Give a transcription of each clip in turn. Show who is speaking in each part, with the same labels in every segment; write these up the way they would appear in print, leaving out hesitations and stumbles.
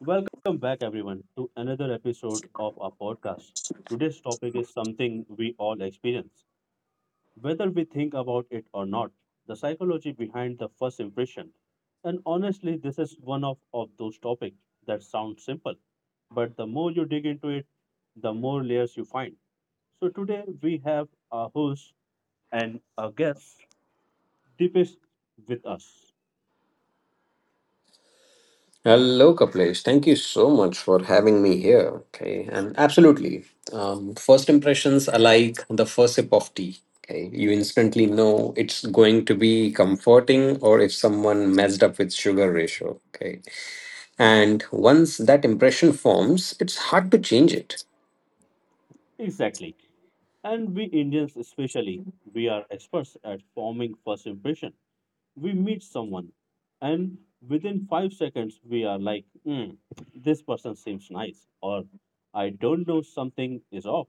Speaker 1: Welcome back, everyone, to another episode of our podcast. Today's topic is something we all experience, whether we think about it or not, the psychology behind the first impression. And honestly, this is one of those topics that sounds simple, but the more you dig into it, the more layers you find. So today we have our host and our guest, Deepesh, with us.
Speaker 2: Hello, Kaplesh. Thank you so much for having me here. Okay, and absolutely. First impressions are like the first sip of tea. Okay, you instantly know it's going to be comforting or if someone messed up with sugar ratio. Okay, and once that impression forms, it's hard to change it.
Speaker 1: Exactly. And we Indians, especially, we are experts at forming first impression. We meet someone, and within 5 seconds, we are like, hmm, this person seems nice, or I don't know, something is off.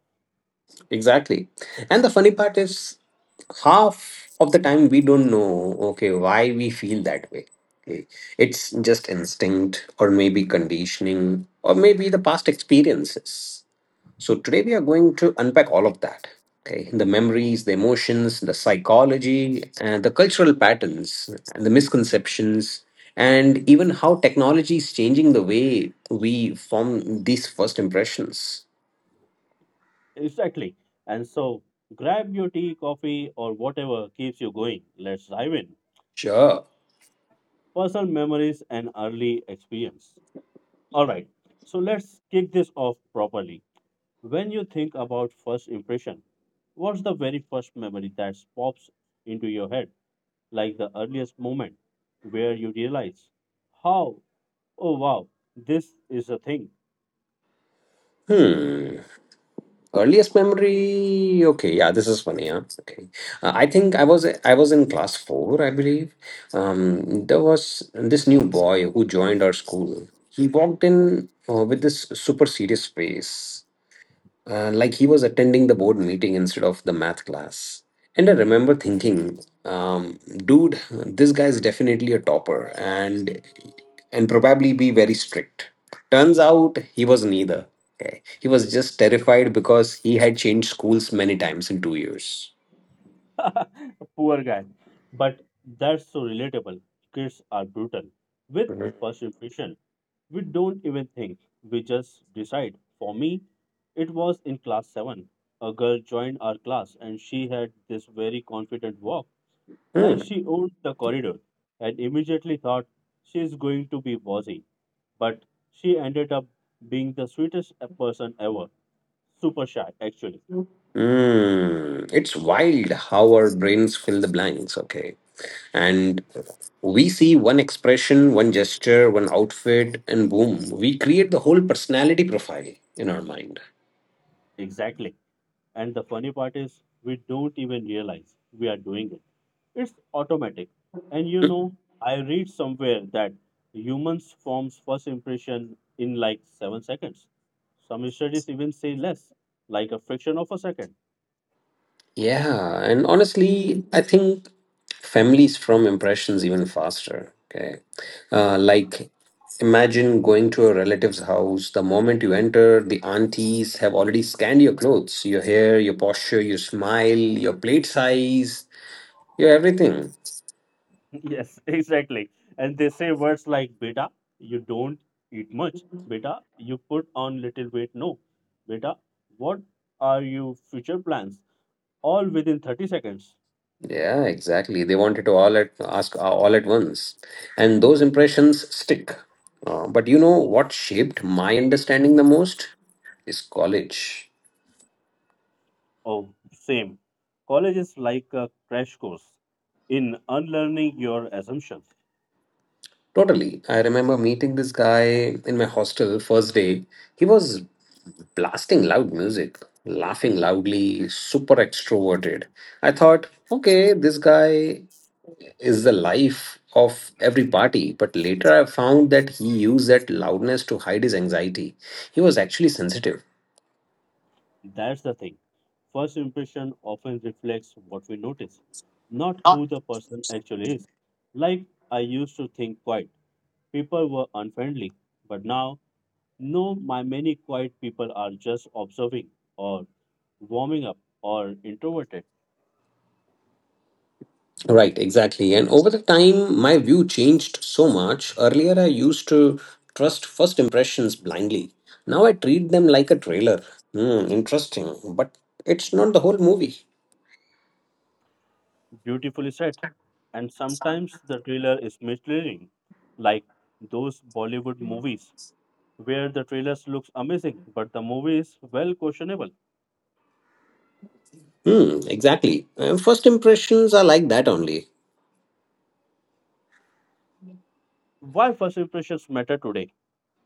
Speaker 2: Exactly. And the funny part is, half of the time we don't know, okay, why we feel that way. Okay. It's just instinct, or maybe conditioning, or maybe the past experiences. So today we are going to unpack all of that. Okay. The memories, the emotions, the psychology, and the cultural patterns, and the misconceptions, and even how technology is changing the way we form these first impressions.
Speaker 1: Exactly. And so, grab your tea, coffee, or whatever keeps you going. Let's dive in.
Speaker 2: Sure.
Speaker 1: Personal memories and early experience. All right. So, let's kick this off properly. When you think about first impression, what's the very first memory that pops into your head, like the earliest moment where you realize, how, oh wow, this is a thing.
Speaker 2: Hmm. Earliest memory? Okay, yeah, this is funny. Yeah, okay, I think I was in class 4, I believe. There was this new boy who joined our school. He walked in with this super serious face, like he was attending the board meeting instead of the math class. And I remember thinking, um, dude, this guy is definitely a topper and probably be very strict. Turns out he was neither. Okay. He was just terrified because he had changed schools many times in 2 years.
Speaker 1: Poor guy. But that's so relatable. Kids are brutal. With
Speaker 2: Mhm.
Speaker 1: first impression, we don't even think, we just decide. For me, it was in class 7. A girl joined our class and she had this very confident walk,
Speaker 2: Hmm.
Speaker 1: like she owned the corridor, and immediately thought she's going to be bossy. But she ended up being the sweetest person ever. Super shy, actually.
Speaker 2: Hmm. It's wild how our brains fill the blanks, okay? And we see one expression, one gesture, one outfit, and boom, we create the whole personality profile in our mind.
Speaker 1: Exactly. And the funny part is, we don't even realize we are doing it. It's automatic. And you know, I read somewhere that humans forms first impression in like 7 seconds. Some studies even say less, like a fraction of a second.
Speaker 2: Yeah, and honestly, I think families from impressions even faster. Okay. Like, imagine going to a relative's house. The moment you enter, the aunties have already scanned your clothes, your hair, your posture, your smile, your plate size, your everything.
Speaker 1: Yes, exactly. And they say words like, beta, you don't eat much. Beta, you put on little weight. No. Beta, what are your future plans? All within 30 seconds.
Speaker 2: Yeah, exactly. They wanted to all at ask all at once, and those impressions stick. But you know what shaped my understanding the most is college.
Speaker 1: Oh, same. College is like a crash course in unlearning your assumptions.
Speaker 2: Totally. I remember meeting this guy in my hostel first day. He was blasting loud music, laughing loudly, super extroverted. I thought, okay, this guy is the life of every party. But later I found that he used that loudness to hide his anxiety. He was actually sensitive.
Speaker 1: That's the thing. First impression often reflects what we notice, not who the person actually is. Like I used to think quite people were unfriendly, but now, no, my many quiet people are just observing or warming up or introverted.
Speaker 2: Right, exactly. And over the time, my view changed so much. Earlier, I used to trust first impressions blindly. Now I treat them like a trailer. Hmm, interesting. But it's not the whole movie.
Speaker 1: Beautifully said. And sometimes the trailer is misleading, like those Bollywood movies where the trailers looks amazing but the movie is, well, questionable.
Speaker 2: Hmm, exactly. And first impressions are like that only.
Speaker 1: Why first impressions matter today?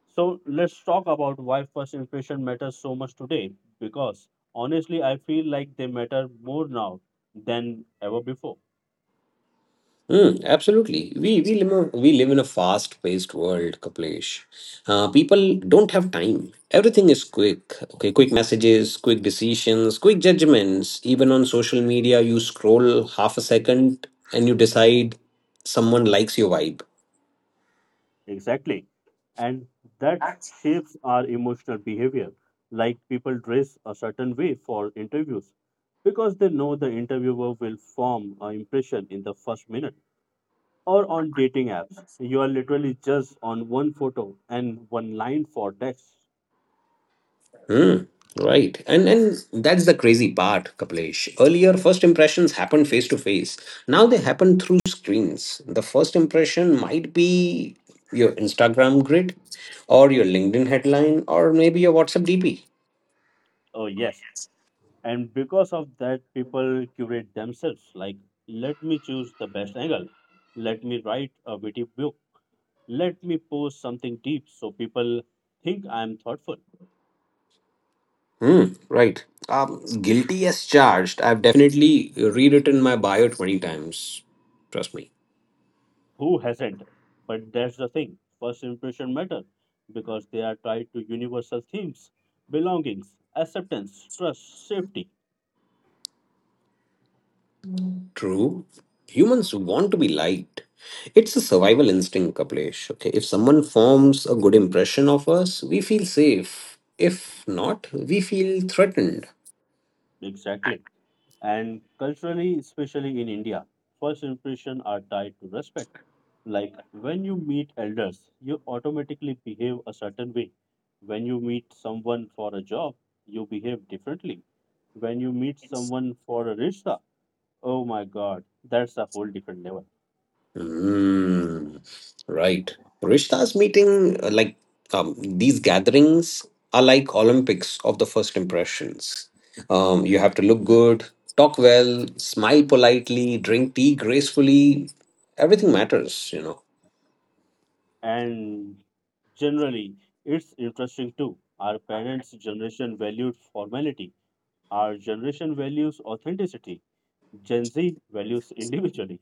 Speaker 1: So let's talk about why first impression matters so much today, because honestly I feel like they matter more now than ever before.
Speaker 2: Mm, absolutely. We live in a fast-paced world, Kaplesh. People don't have time. Everything is quick. Okay, quick messages, quick decisions, quick judgments. Even on social media, you scroll half a second and you decide someone likes your vibe.
Speaker 1: Exactly. And that shapes our emotional behavior. Like people dress a certain way for interviews because they know the interviewer will form an impression in the first minute. Or on dating apps, you are literally just on one photo and one line for text.
Speaker 2: Hmm, right. And that's the crazy part, Kaplesh. Earlier, first impressions happened face to face. Now they happen through screens. The first impression might be your Instagram grid or your LinkedIn headline or maybe your WhatsApp DP.
Speaker 1: Oh, yes. And because of that, people curate themselves, like, let me choose the best angle, let me write a witty book, let me post something deep so people think I am thoughtful.
Speaker 2: Hmm, right. Guilty as charged. I've definitely rewritten my bio 20 times. Trust me.
Speaker 1: Who hasn't? But that's the thing. First impression matter because they are tied to universal themes, belongings, acceptance, trust, safety.
Speaker 2: True. Humans want to be liked. It's a survival instinct, Kaplesh. Okay, if someone forms a good impression of us, we feel safe. If not, we feel threatened.
Speaker 1: Exactly. And culturally, especially in India, first impression are tied to respect. Like when you meet elders, you automatically behave a certain way. When you meet someone for a job, you behave differently. When you meet someone for a rishta, oh my god, that's a whole different level.
Speaker 2: Hmm. Right. Rishta's meeting, like, these gatherings, are like Olympics of the first impressions. You have to look good, talk well, smile politely, drink tea gracefully. Everything matters.
Speaker 1: And generally it's interesting too, our parents generation valued formality, our generation values authenticity, Gen Z values individually,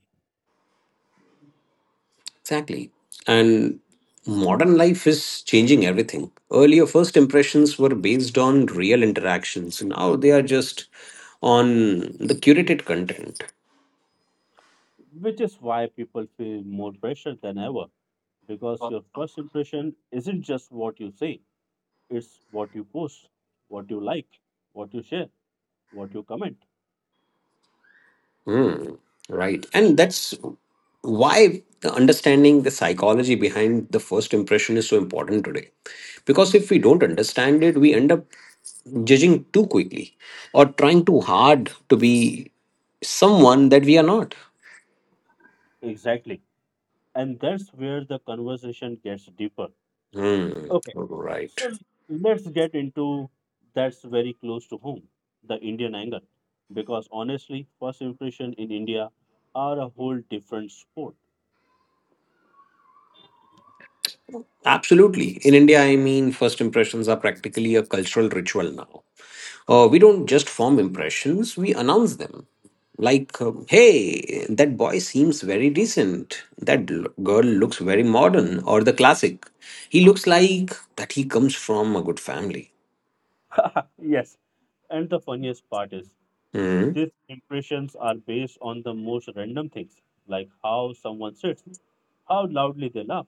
Speaker 2: Exactly. And modern life is changing everything. Earlier, first impressions were based on real interactions. Now they are just on the curated content.
Speaker 1: which is why people feel more pressure than ever, because your first impression isn't just what you say, it's what you post, what you like, what you share, what you comment.
Speaker 2: Hmm. Right. And that's why the understanding the psychology behind the first impression is so important today. Because if we don't understand it, we end up judging too quickly or trying too hard to be someone that we are not.
Speaker 1: Exactly. And that's where the conversation gets deeper.
Speaker 2: Hmm.
Speaker 1: Okay.
Speaker 2: Right.
Speaker 1: So let's get into that's very close to home, the Indian angle. Because honestly, first impression in India are a whole different sport.
Speaker 2: Absolutely. In India, I mean, first impressions are practically a cultural ritual now. We don't just form impressions, we announce them. Like, hey, that boy seems very decent. That girl looks very modern, or the classic: he looks like that he comes from a good family.
Speaker 1: Yes. And the funniest part is
Speaker 2: Hmm.
Speaker 1: these impressions are based on the most random things, like how someone sits, how loudly they laugh,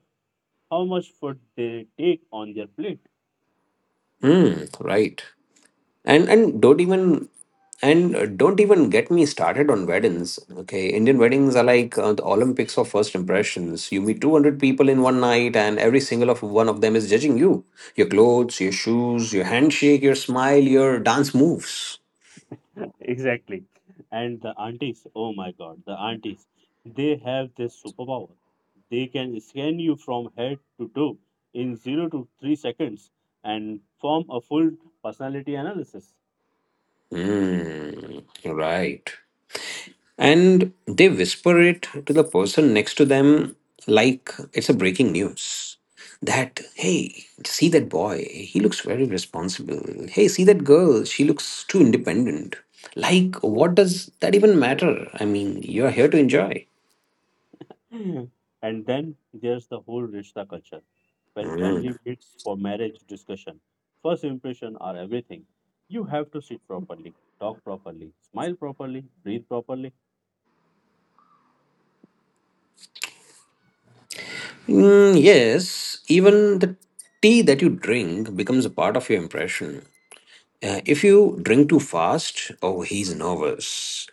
Speaker 1: how much food they take on their plate.
Speaker 2: Hmm. Right. And don't even get me started on weddings. Okay, Indian weddings are like the Olympics of first impressions. You meet 200 people in one night and every single of one of them is judging you: your clothes, your shoes, your handshake, your smile, your dance moves.
Speaker 1: Exactly. And the aunties, oh my God, the aunties, they have this superpower. They can scan you from head to toe in 0 to 3 seconds and form a full personality analysis.
Speaker 2: Mm, right. And they whisper it to the person next to them like it's a breaking news that, hey, see that boy, he looks very responsible. Hey, see that girl, she looks too independent. Like, what does that even matter? I mean, you're here to enjoy.
Speaker 1: And then there's the whole rishta culture. When
Speaker 2: Mm.
Speaker 1: family meets for marriage discussion, first impression are everything. You have to sit properly, talk properly, smile properly, breathe properly.
Speaker 2: Mm, yes. Even the tea that you drink becomes a part of your impression. If you drink too fast, oh, he's nervous.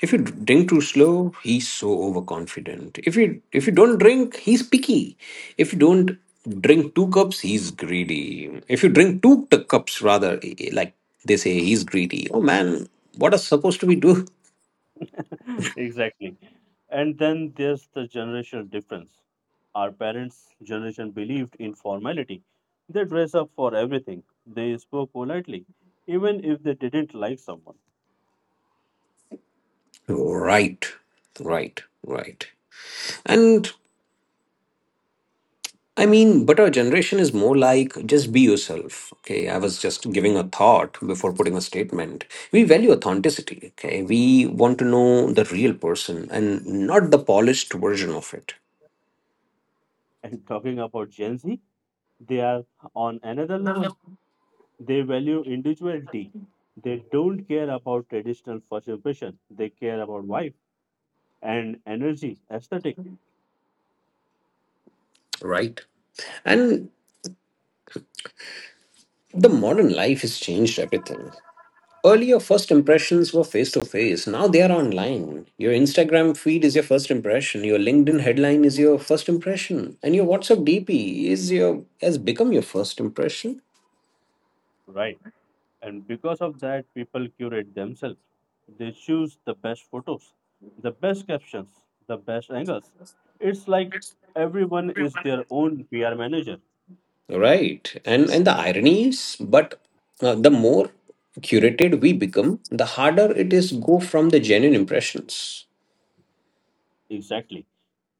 Speaker 2: If you drink too slow, he's so overconfident. If you don't drink, he's picky. If you don't drink two cups, he's greedy. If you drink two cups, rather, like they say, he's greedy. Oh man, what are supposed to we do?
Speaker 1: Exactly. And then there's the generational difference. Our parents' generation believed in formality. They dress up for everything. They spoke politely, even if they didn't like someone.
Speaker 2: Right, right, right. And I mean, but our generation is more like just be yourself. Okay. I was just giving a thought before putting a statement. We value authenticity. Okay. We want to know the real person and not the polished version of it.
Speaker 1: And talking about Gen Z, they are on another level. They value individuality. They don't care about traditional first impression. They care about vibe and energy, aesthetic,
Speaker 2: Right. And the modern life has changed everything. Earlier, first impressions were face to face. Now they are online. Your Instagram feed is your first impression. Your LinkedIn headline is your first impression. And your WhatsApp DP is your has become your first impression.
Speaker 1: right? And because of that, people curate themselves. They choose the best photos, the best captions, the best angles. It's like everyone is their own PR manager.
Speaker 2: Right. And the irony is, but the more curated we become, the harder it is go from the genuine impressions.
Speaker 1: Exactly.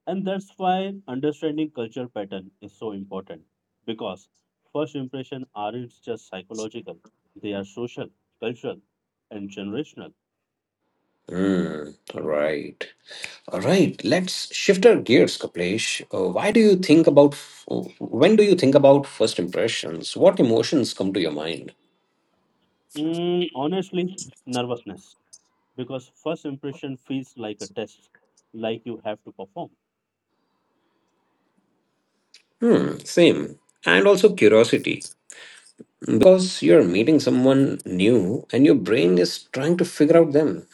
Speaker 1: And that's why understanding culture pattern is so important. Because first impression aren't just psychological, they are social, cultural, and generational.
Speaker 2: Mm, right. All right. Let's shift our gears, Kaplesh. Why do you think about f- when do you think about first impressions? What emotions come to your mind?
Speaker 1: Mm, honestly, nervousness. Because first impression feels like a test, like you have to perform.
Speaker 2: Hmm, same. And also curiosity, because you're meeting someone new and your brain is trying to figure out them.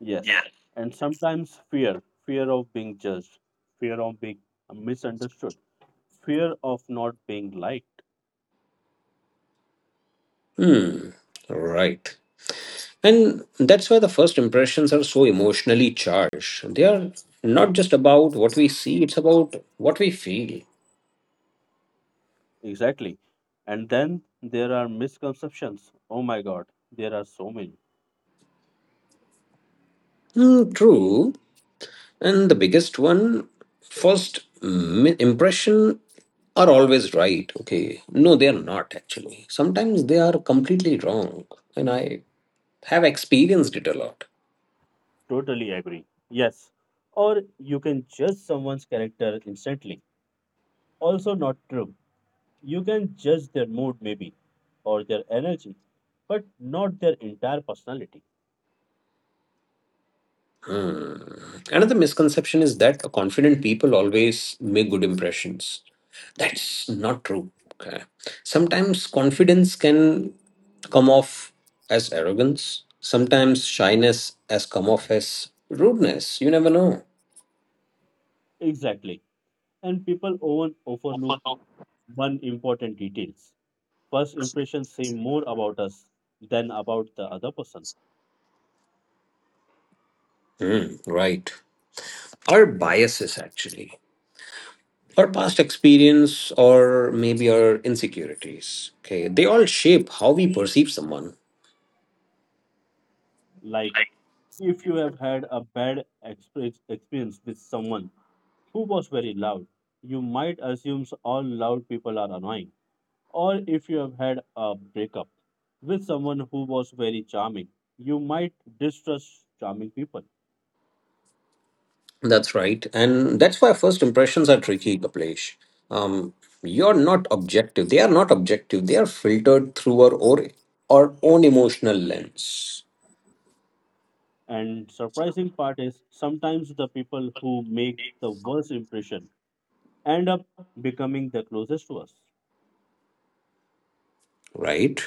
Speaker 1: Yes, and sometimes fear of being judged, fear of being misunderstood, fear of not being liked.
Speaker 2: Hmm, right. And that's why the first impressions are so emotionally charged. They are not just about what we see, it's about what we feel.
Speaker 1: Exactly. And then there are misconceptions. Oh my God, there are so many.
Speaker 2: Hmm, true. And the biggest one, first impression are always right. Okay. No, they are not actually. Sometimes they are completely wrong. And I have experienced it a lot.
Speaker 1: Totally agree. Yes. Or you can judge someone's character instantly. Also, not true. You can judge their mood, maybe, or their energy, but not their entire personality.
Speaker 2: Hmm. Another misconception is that confident people always make good impressions. That's not true. Okay. Sometimes confidence can come off as arrogance. Sometimes shyness has come off as rudeness. You never know.
Speaker 1: Exactly. And people often overlook one important details. First impressions say more about us than about the other person.
Speaker 2: Hmm, right. Our biases, actually. Our past experience, or maybe our insecurities. Okay. They all shape how we perceive someone.
Speaker 1: Like if you have had a bad experience with someone who was very loud, you might assume all loud people are annoying. Or if you have had a breakup with someone who was very charming, you might distrust charming people.
Speaker 2: That's right. And that's why first impressions are tricky, Kaplesh. Um, you're not objective. They are not objective. They are filtered through our own emotional lens,
Speaker 1: And surprising part is sometimes the people who make the worst impression end up becoming the closest to us.
Speaker 2: right?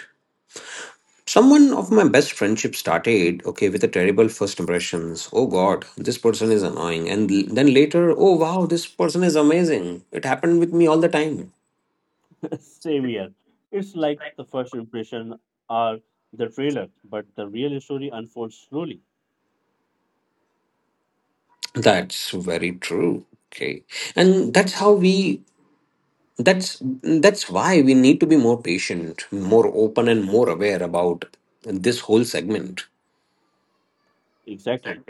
Speaker 2: Someone of my best friendship started, okay, with a terrible first impressions. Oh God, this person is annoying. And then later, oh wow, this person is amazing. It happened with me all the time.
Speaker 1: Same here. It's like the first impression are the trailer, but the real story unfolds slowly.
Speaker 2: That's very true. Okay. And that's why we need to be more patient, more open and more aware about this whole segment.
Speaker 1: Exactly.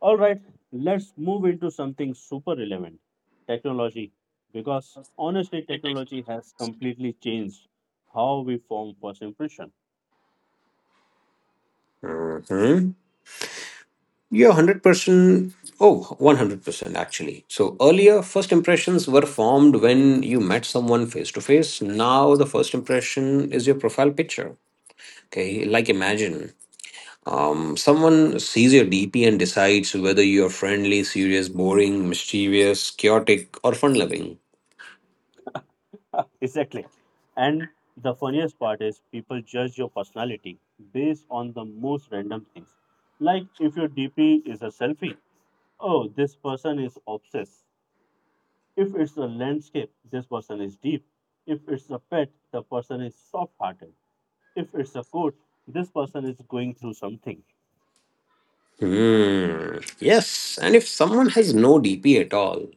Speaker 1: All right, let's move into something super relevant, technology. Because honestly, technology has completely changed how we form first impression.
Speaker 2: Hmm. Yeah, 100%. Oh, 100% actually. So earlier, first impressions were formed when you met someone face to face. Now the first impression is your profile picture. Okay, like, imagine someone sees your DP and decides whether you're friendly, serious, boring, mischievous, chaotic or fun loving.
Speaker 1: Exactly. And the funniest part is people judge your personality based on the most random things. Like if your DP is a selfie, oh, this person is obsessed. If it's a landscape, this person is deep. If it's a pet, the person is soft hearted. If it's a quote, this person is going through something.
Speaker 2: Hmm. Yes, and if someone has no DP at all,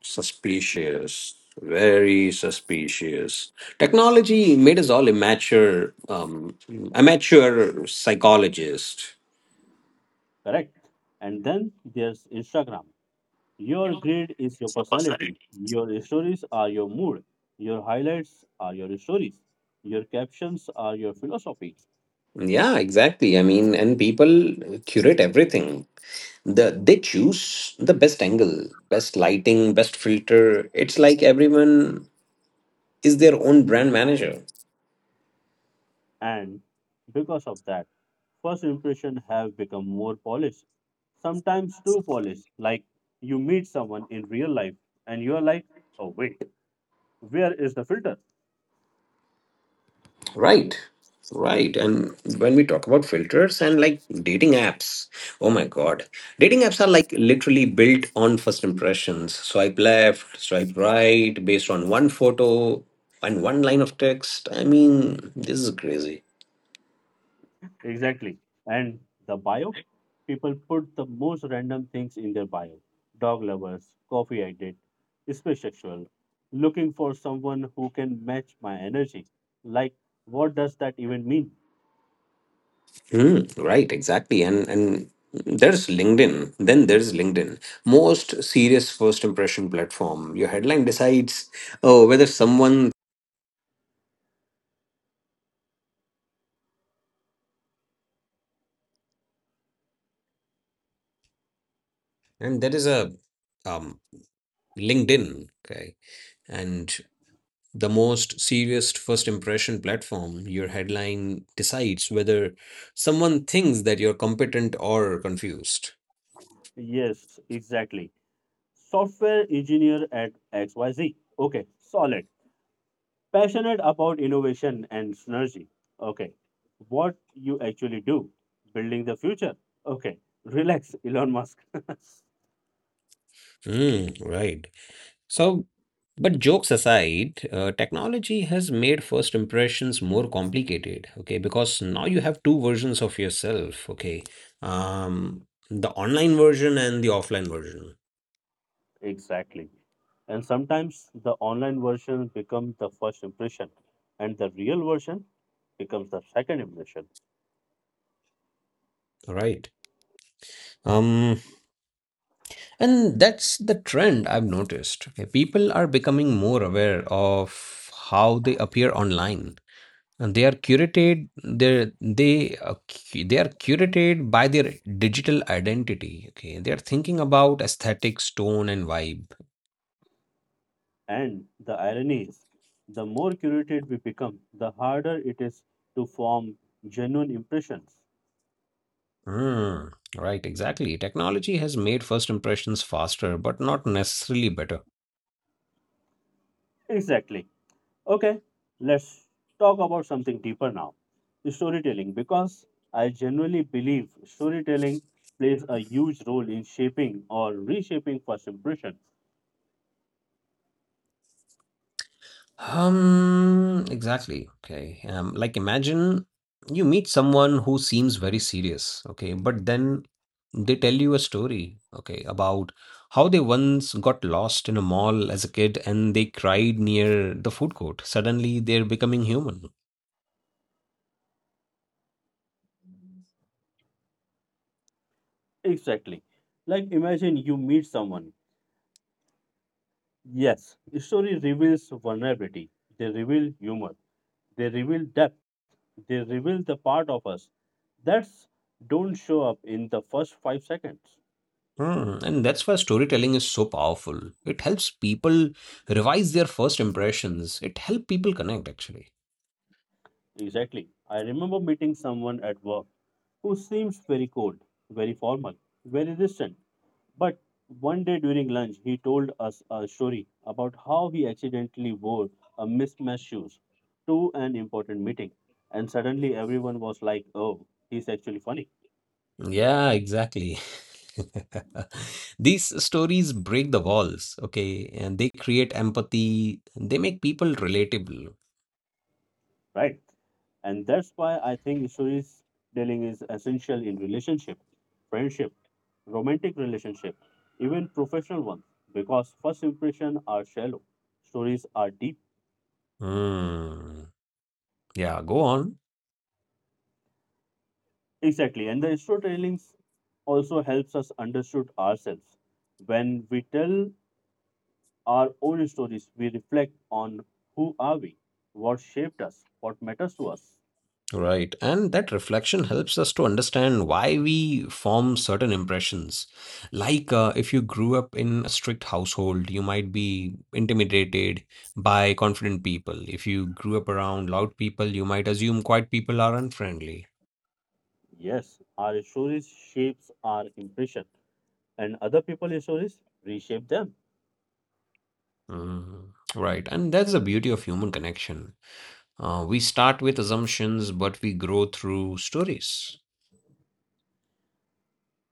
Speaker 2: suspicious, very suspicious. Technology made us all amateur psychologists.
Speaker 1: Correct? And then there's Instagram. Your grade is your personality. Your stories are your mood. Your highlights are your stories. Your captions are your philosophy.
Speaker 2: Yeah, exactly. I mean, and people curate everything. They choose the best angle, best lighting, best filter. It's like everyone is their own brand manager.
Speaker 1: And because of that, first impression have become more polished. Sometimes too polished. Like you meet someone in real life and you're like, oh wait, where is the filter?
Speaker 2: Right. Right. And when we talk about filters and like dating apps, oh my God. Dating apps are like literally built on first impressions. Swipe left, swipe right, based on one photo and one line of text. I mean, this is crazy.
Speaker 1: Exactly. And the bio, people put the most random things in their bio. Dog lovers, coffee addict, spacesexual, looking for someone who can match my energy. Like, what does that even mean?
Speaker 2: Hmm, right, exactly. And there's LinkedIn. Then there's LinkedIn. Most serious first impression platform. Your headline decides oh whether someone... And there is a um, LinkedIn, okay, and the most serious first impression platform. Your headline decides whether someone thinks that you're competent or confused.
Speaker 1: Yes, exactly. Software engineer at XYZ. Okay, solid. Passionate about innovation and synergy. Okay, what you actually do, building the future. Okay, relax, Elon Musk.
Speaker 2: Mm, right. So, but jokes aside, technology has made first impressions more complicated, okay, because now you have two versions of yourself, okay, the online version and the offline version,
Speaker 1: Exactly. And sometimes the online version becomes the first impression, and the real version becomes the second impression.
Speaker 2: all right. Um, and that's the trend I've noticed. Okay, people are becoming more aware of how they appear online. And they are curated by their digital identity. Okay, they are thinking about aesthetics, tone, and vibe.
Speaker 1: And the irony is, the more curated we become, the harder it is to form genuine impressions.
Speaker 2: Mm, right, exactly. Technology has made first impressions faster, but not necessarily better.
Speaker 1: Exactly. Okay, let's talk about something deeper now, storytelling, because I genuinely believe storytelling plays a huge role in shaping or reshaping first impression.
Speaker 2: Exactly. Okay. Imagine you meet someone who seems very serious, okay, but then they tell you a story, okay, about how they once got lost in a mall as a kid and they cried near the food court. Suddenly they're becoming human.
Speaker 1: Exactly. Like, imagine you meet someone. Yes, story reveals vulnerability, they reveal humor, they reveal depth, they reveal the part of us that's don't show up in the first 5 seconds.
Speaker 2: Hmm. And that's why storytelling is so powerful. It helps people revise their first impressions. It helps people connect, actually.
Speaker 1: Exactly. I remember meeting someone at work who seems very cold, very formal, very distant. But one day during lunch, he told us a story about how he accidentally wore a mismatched shoes to an important meeting, and suddenly everyone was like, "Oh, he's actually funny,
Speaker 2: Yeah, exactly. These stories break the walls, okay, and they create empathy. They make people relatable.
Speaker 1: right?" And that's why I think stories telling is essential in relationship, friendship, romantic relationship, even professional ones, because first impression are shallow, stories are deep.
Speaker 2: Hmm. Yeah, go on.
Speaker 1: Exactly. And the storytelling also helps us understood ourselves. When we tell our own stories, we reflect on who are we, what shaped us, what matters to us.
Speaker 2: Right. And that reflection helps us to understand why we form certain impressions. Like if you grew up in a strict household, you might be intimidated by confident people. If you grew up around loud people, you might assume quiet people are unfriendly.
Speaker 1: Yes, our stories shapes our impression and other people's stories reshape them.
Speaker 2: Mm, right. And that's the beauty of human connection. We start with assumptions, but we grow through stories.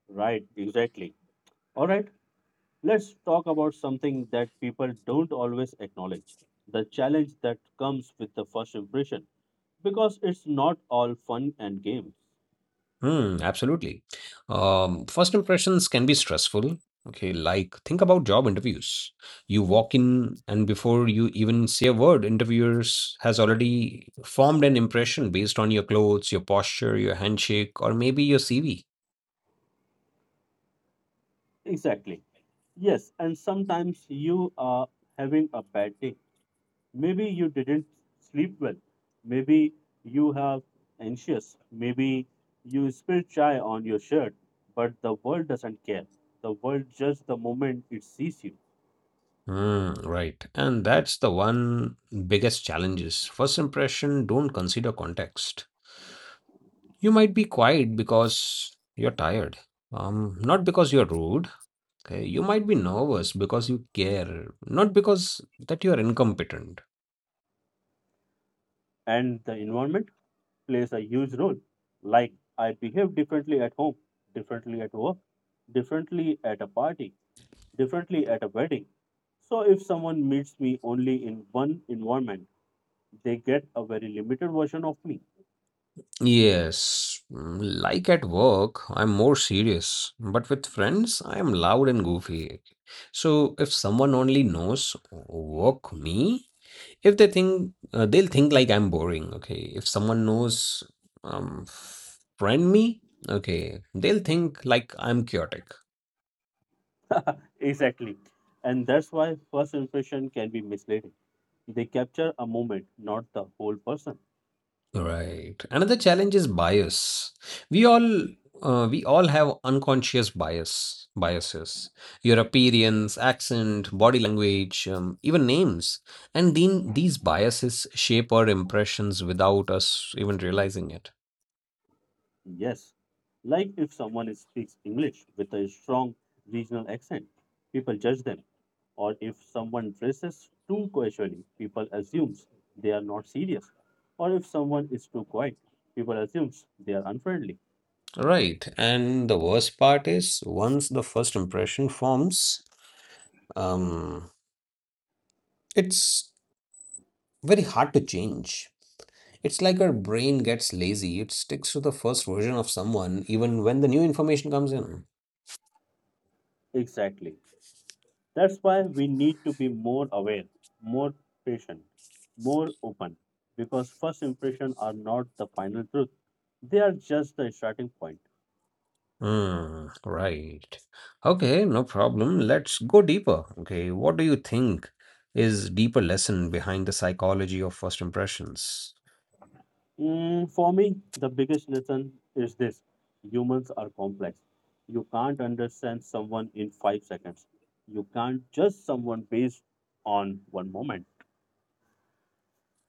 Speaker 1: Right, exactly. All right, let's talk about something that people don't always acknowledge. The challenge that comes with the first impression, because it's not all fun and games.
Speaker 2: Hmm, absolutely. First impressions can be stressful. Okay, like think about job interviews. You walk in, and before you even say a word, interviewers has already formed an impression based on your clothes, your posture, your handshake, or maybe your CV.
Speaker 1: Exactly. Yes, and sometimes you are having a bad day. Maybe you didn't sleep well. Maybe you have anxious. Maybe you spilled chai on your shirt. But the world doesn't care. The world judges the moment it sees you.
Speaker 2: Hmm, right. And that's the one biggest challenges. First impression, don't consider context. You might be quiet because you're tired, not because you're rude. Okay? You might be nervous because you care, not because that you're incompetent.
Speaker 1: And the environment plays a huge role. Like I behave differently at home, differently at work, differently at a party, differently at a wedding. So if someone meets me only in one environment, they get a very limited version of me.
Speaker 2: Yes, mm, like at work, I'm more serious, but with friends, I am loud and goofy. So if someone only knows work me, if they think they'll think like I'm boring. Okay, if someone knows um, friend me, okay, they'll think like I'm chaotic.
Speaker 1: Exactly. And that's why first impression can be misleading. They capture a moment, not the whole person.
Speaker 2: Right. Another challenge is bias. We all we all have unconscious biases. Your appearance, accent, body language, even names, and then these biases shape our impressions without us even realizing it.
Speaker 1: Yes. Like if someone speaks English with a strong regional accent, people judge them. Or if someone dresses too casually, people assumes they are not serious. Or if someone is too quiet, people assumes they are unfriendly.
Speaker 2: Right. And the worst part is once the first impression forms, um, it's very hard to change. It's like our brain gets lazy. It sticks to the first version of someone even when the new information comes in.
Speaker 1: Exactly. That's why we need to be more aware, more patient, more open, because first impressions are not the final truth. They are just the starting point.
Speaker 2: Hmm, right. Okay, no problem. Let's go deeper. Okay, what do you think is deeper lesson behind the psychology of first impressions?
Speaker 1: Mm, for me, the biggest lesson is this, humans are complex. You can't understand someone in 5 seconds, you can't judge someone based on one moment.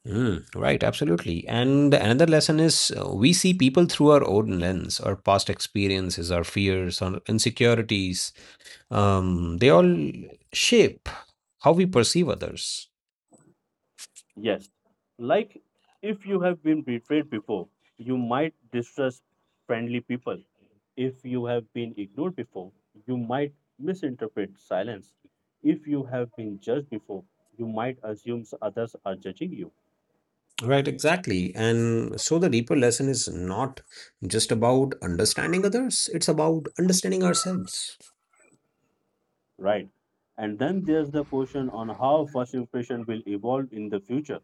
Speaker 2: Mm, right, absolutely. And another lesson is we see people through our own lens, our past experiences, our fears, our insecurities. They all shape how we perceive others.
Speaker 1: Yes. Like if you have been betrayed before, you might distrust friendly people. If you have been ignored before, you might misinterpret silence. If you have been judged before, you might assume others are judging you,
Speaker 2: Right, exactly. And so the deeper lesson is not just about understanding others, it's about understanding ourselves.
Speaker 1: right? And then there's the question on how first impression will evolve in the future.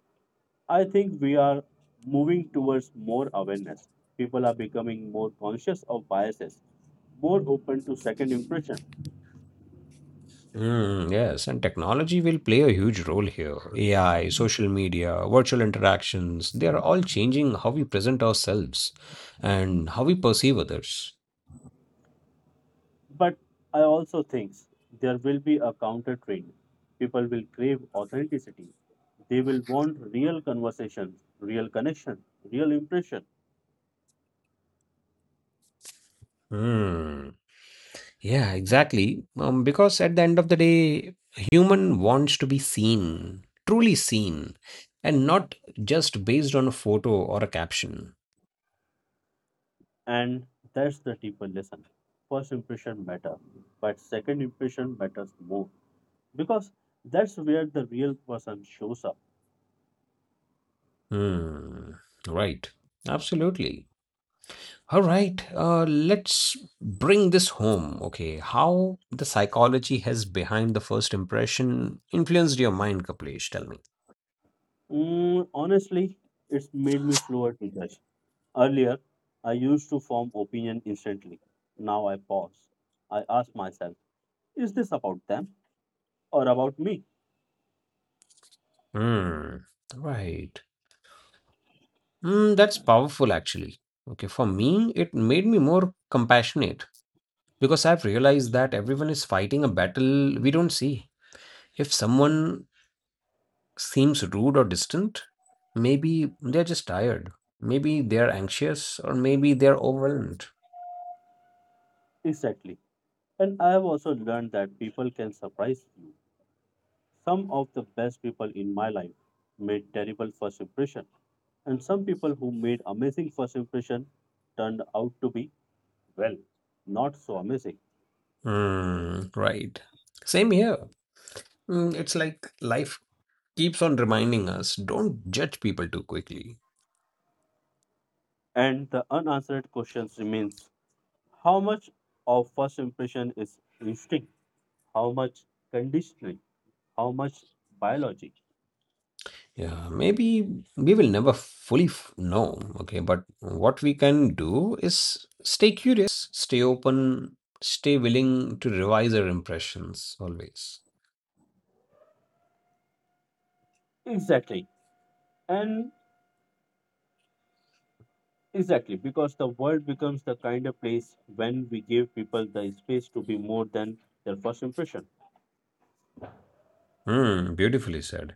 Speaker 1: I think we are moving towards more awareness. People are becoming more conscious of biases, more open to second impression.
Speaker 2: Mm, yes, and technology will play a huge role here. AI, social media, virtual interactions, they are all changing how we present ourselves and how we perceive others.
Speaker 1: But I also think there will be a counter trend. People will crave authenticity. They will want real conversations, real connection, real impression.
Speaker 2: Mm, yeah, exactly. Because at the end of the day, human wants to be seen, truly seen, and not just based on a photo or a caption.
Speaker 1: And that's the deeper lesson. First impression matter, but second impression matters more because that's where the real person shows up.
Speaker 2: Hmm. Right. Absolutely. All right. Let's bring this home. Okay. How the psychology has behind the first impression influenced your mind, Kapilesh? Tell me.
Speaker 1: Mm, honestly, it's made me slower to judge. Earlier, I used to form opinion instantly. Now I pause. I ask myself, is this about them or about me?
Speaker 2: Hmm. Right. Hmm. That's powerful, actually. Okay. For me, it made me more compassionate because I've realized that everyone is fighting a battle we don't see. If someone seems rude or distant, maybe they're just tired. Maybe they're anxious, or maybe they're overwhelmed.
Speaker 1: Exactly. And I have also learned that people can surprise you. Some of the best people in my life made terrible first impression, and some people who made amazing first impression turned out to be, well, not so amazing.
Speaker 2: Mm, right. Same here. Mm, it's like life keeps on reminding us don't judge people too quickly.
Speaker 1: And the unanswered questions remains: how much of first impression is instinct? How much conditioning? How much biology?
Speaker 2: Yeah, maybe we will never fully know. Okay, but what we can do is stay curious, stay open, stay willing to revise our impressions always.
Speaker 1: Exactly. And exactly, because the world becomes the kind of place when we give people the space to be more than their first impression.
Speaker 2: Mm, beautifully said.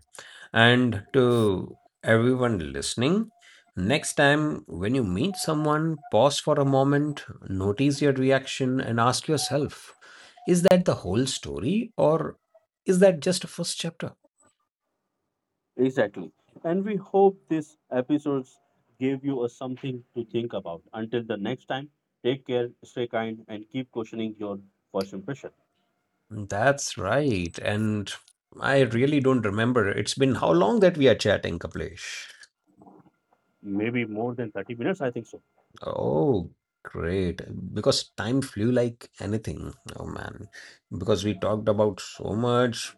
Speaker 2: And to everyone listening, next time when you meet someone, pause for a moment, notice your reaction, and ask yourself is that the whole story or is that just a first chapter?
Speaker 1: Exactly. And we hope this episodes gave you a something to think about. Until the next time, take care, stay kind, and keep questioning your first impression.
Speaker 2: That's right. And I really don't remember. It's been how long that we are chatting, Kaplesh?
Speaker 1: Maybe more than 30 minutes, I think so.
Speaker 2: Oh, great. Because time flew like anything. Oh, man. Because we talked about so much.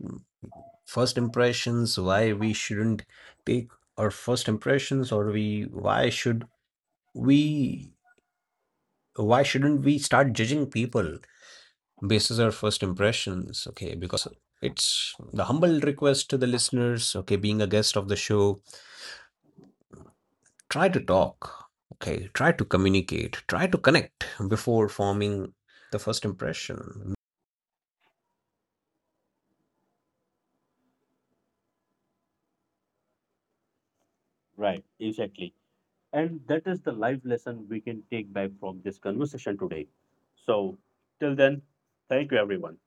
Speaker 2: First impressions, why we shouldn't take our first impressions, or we why should we why shouldn't we start judging people basis our first impressions, okay, because it's the humble request to the listeners, okay, being a guest of the show, try to talk, okay, try to communicate, try to connect before forming the first impression.
Speaker 1: Right, exactly. And that is the life lesson we can take back from this conversation today. So, till then, thank you, everyone.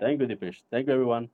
Speaker 1: Thank you, Dipesh. Thank you, everyone.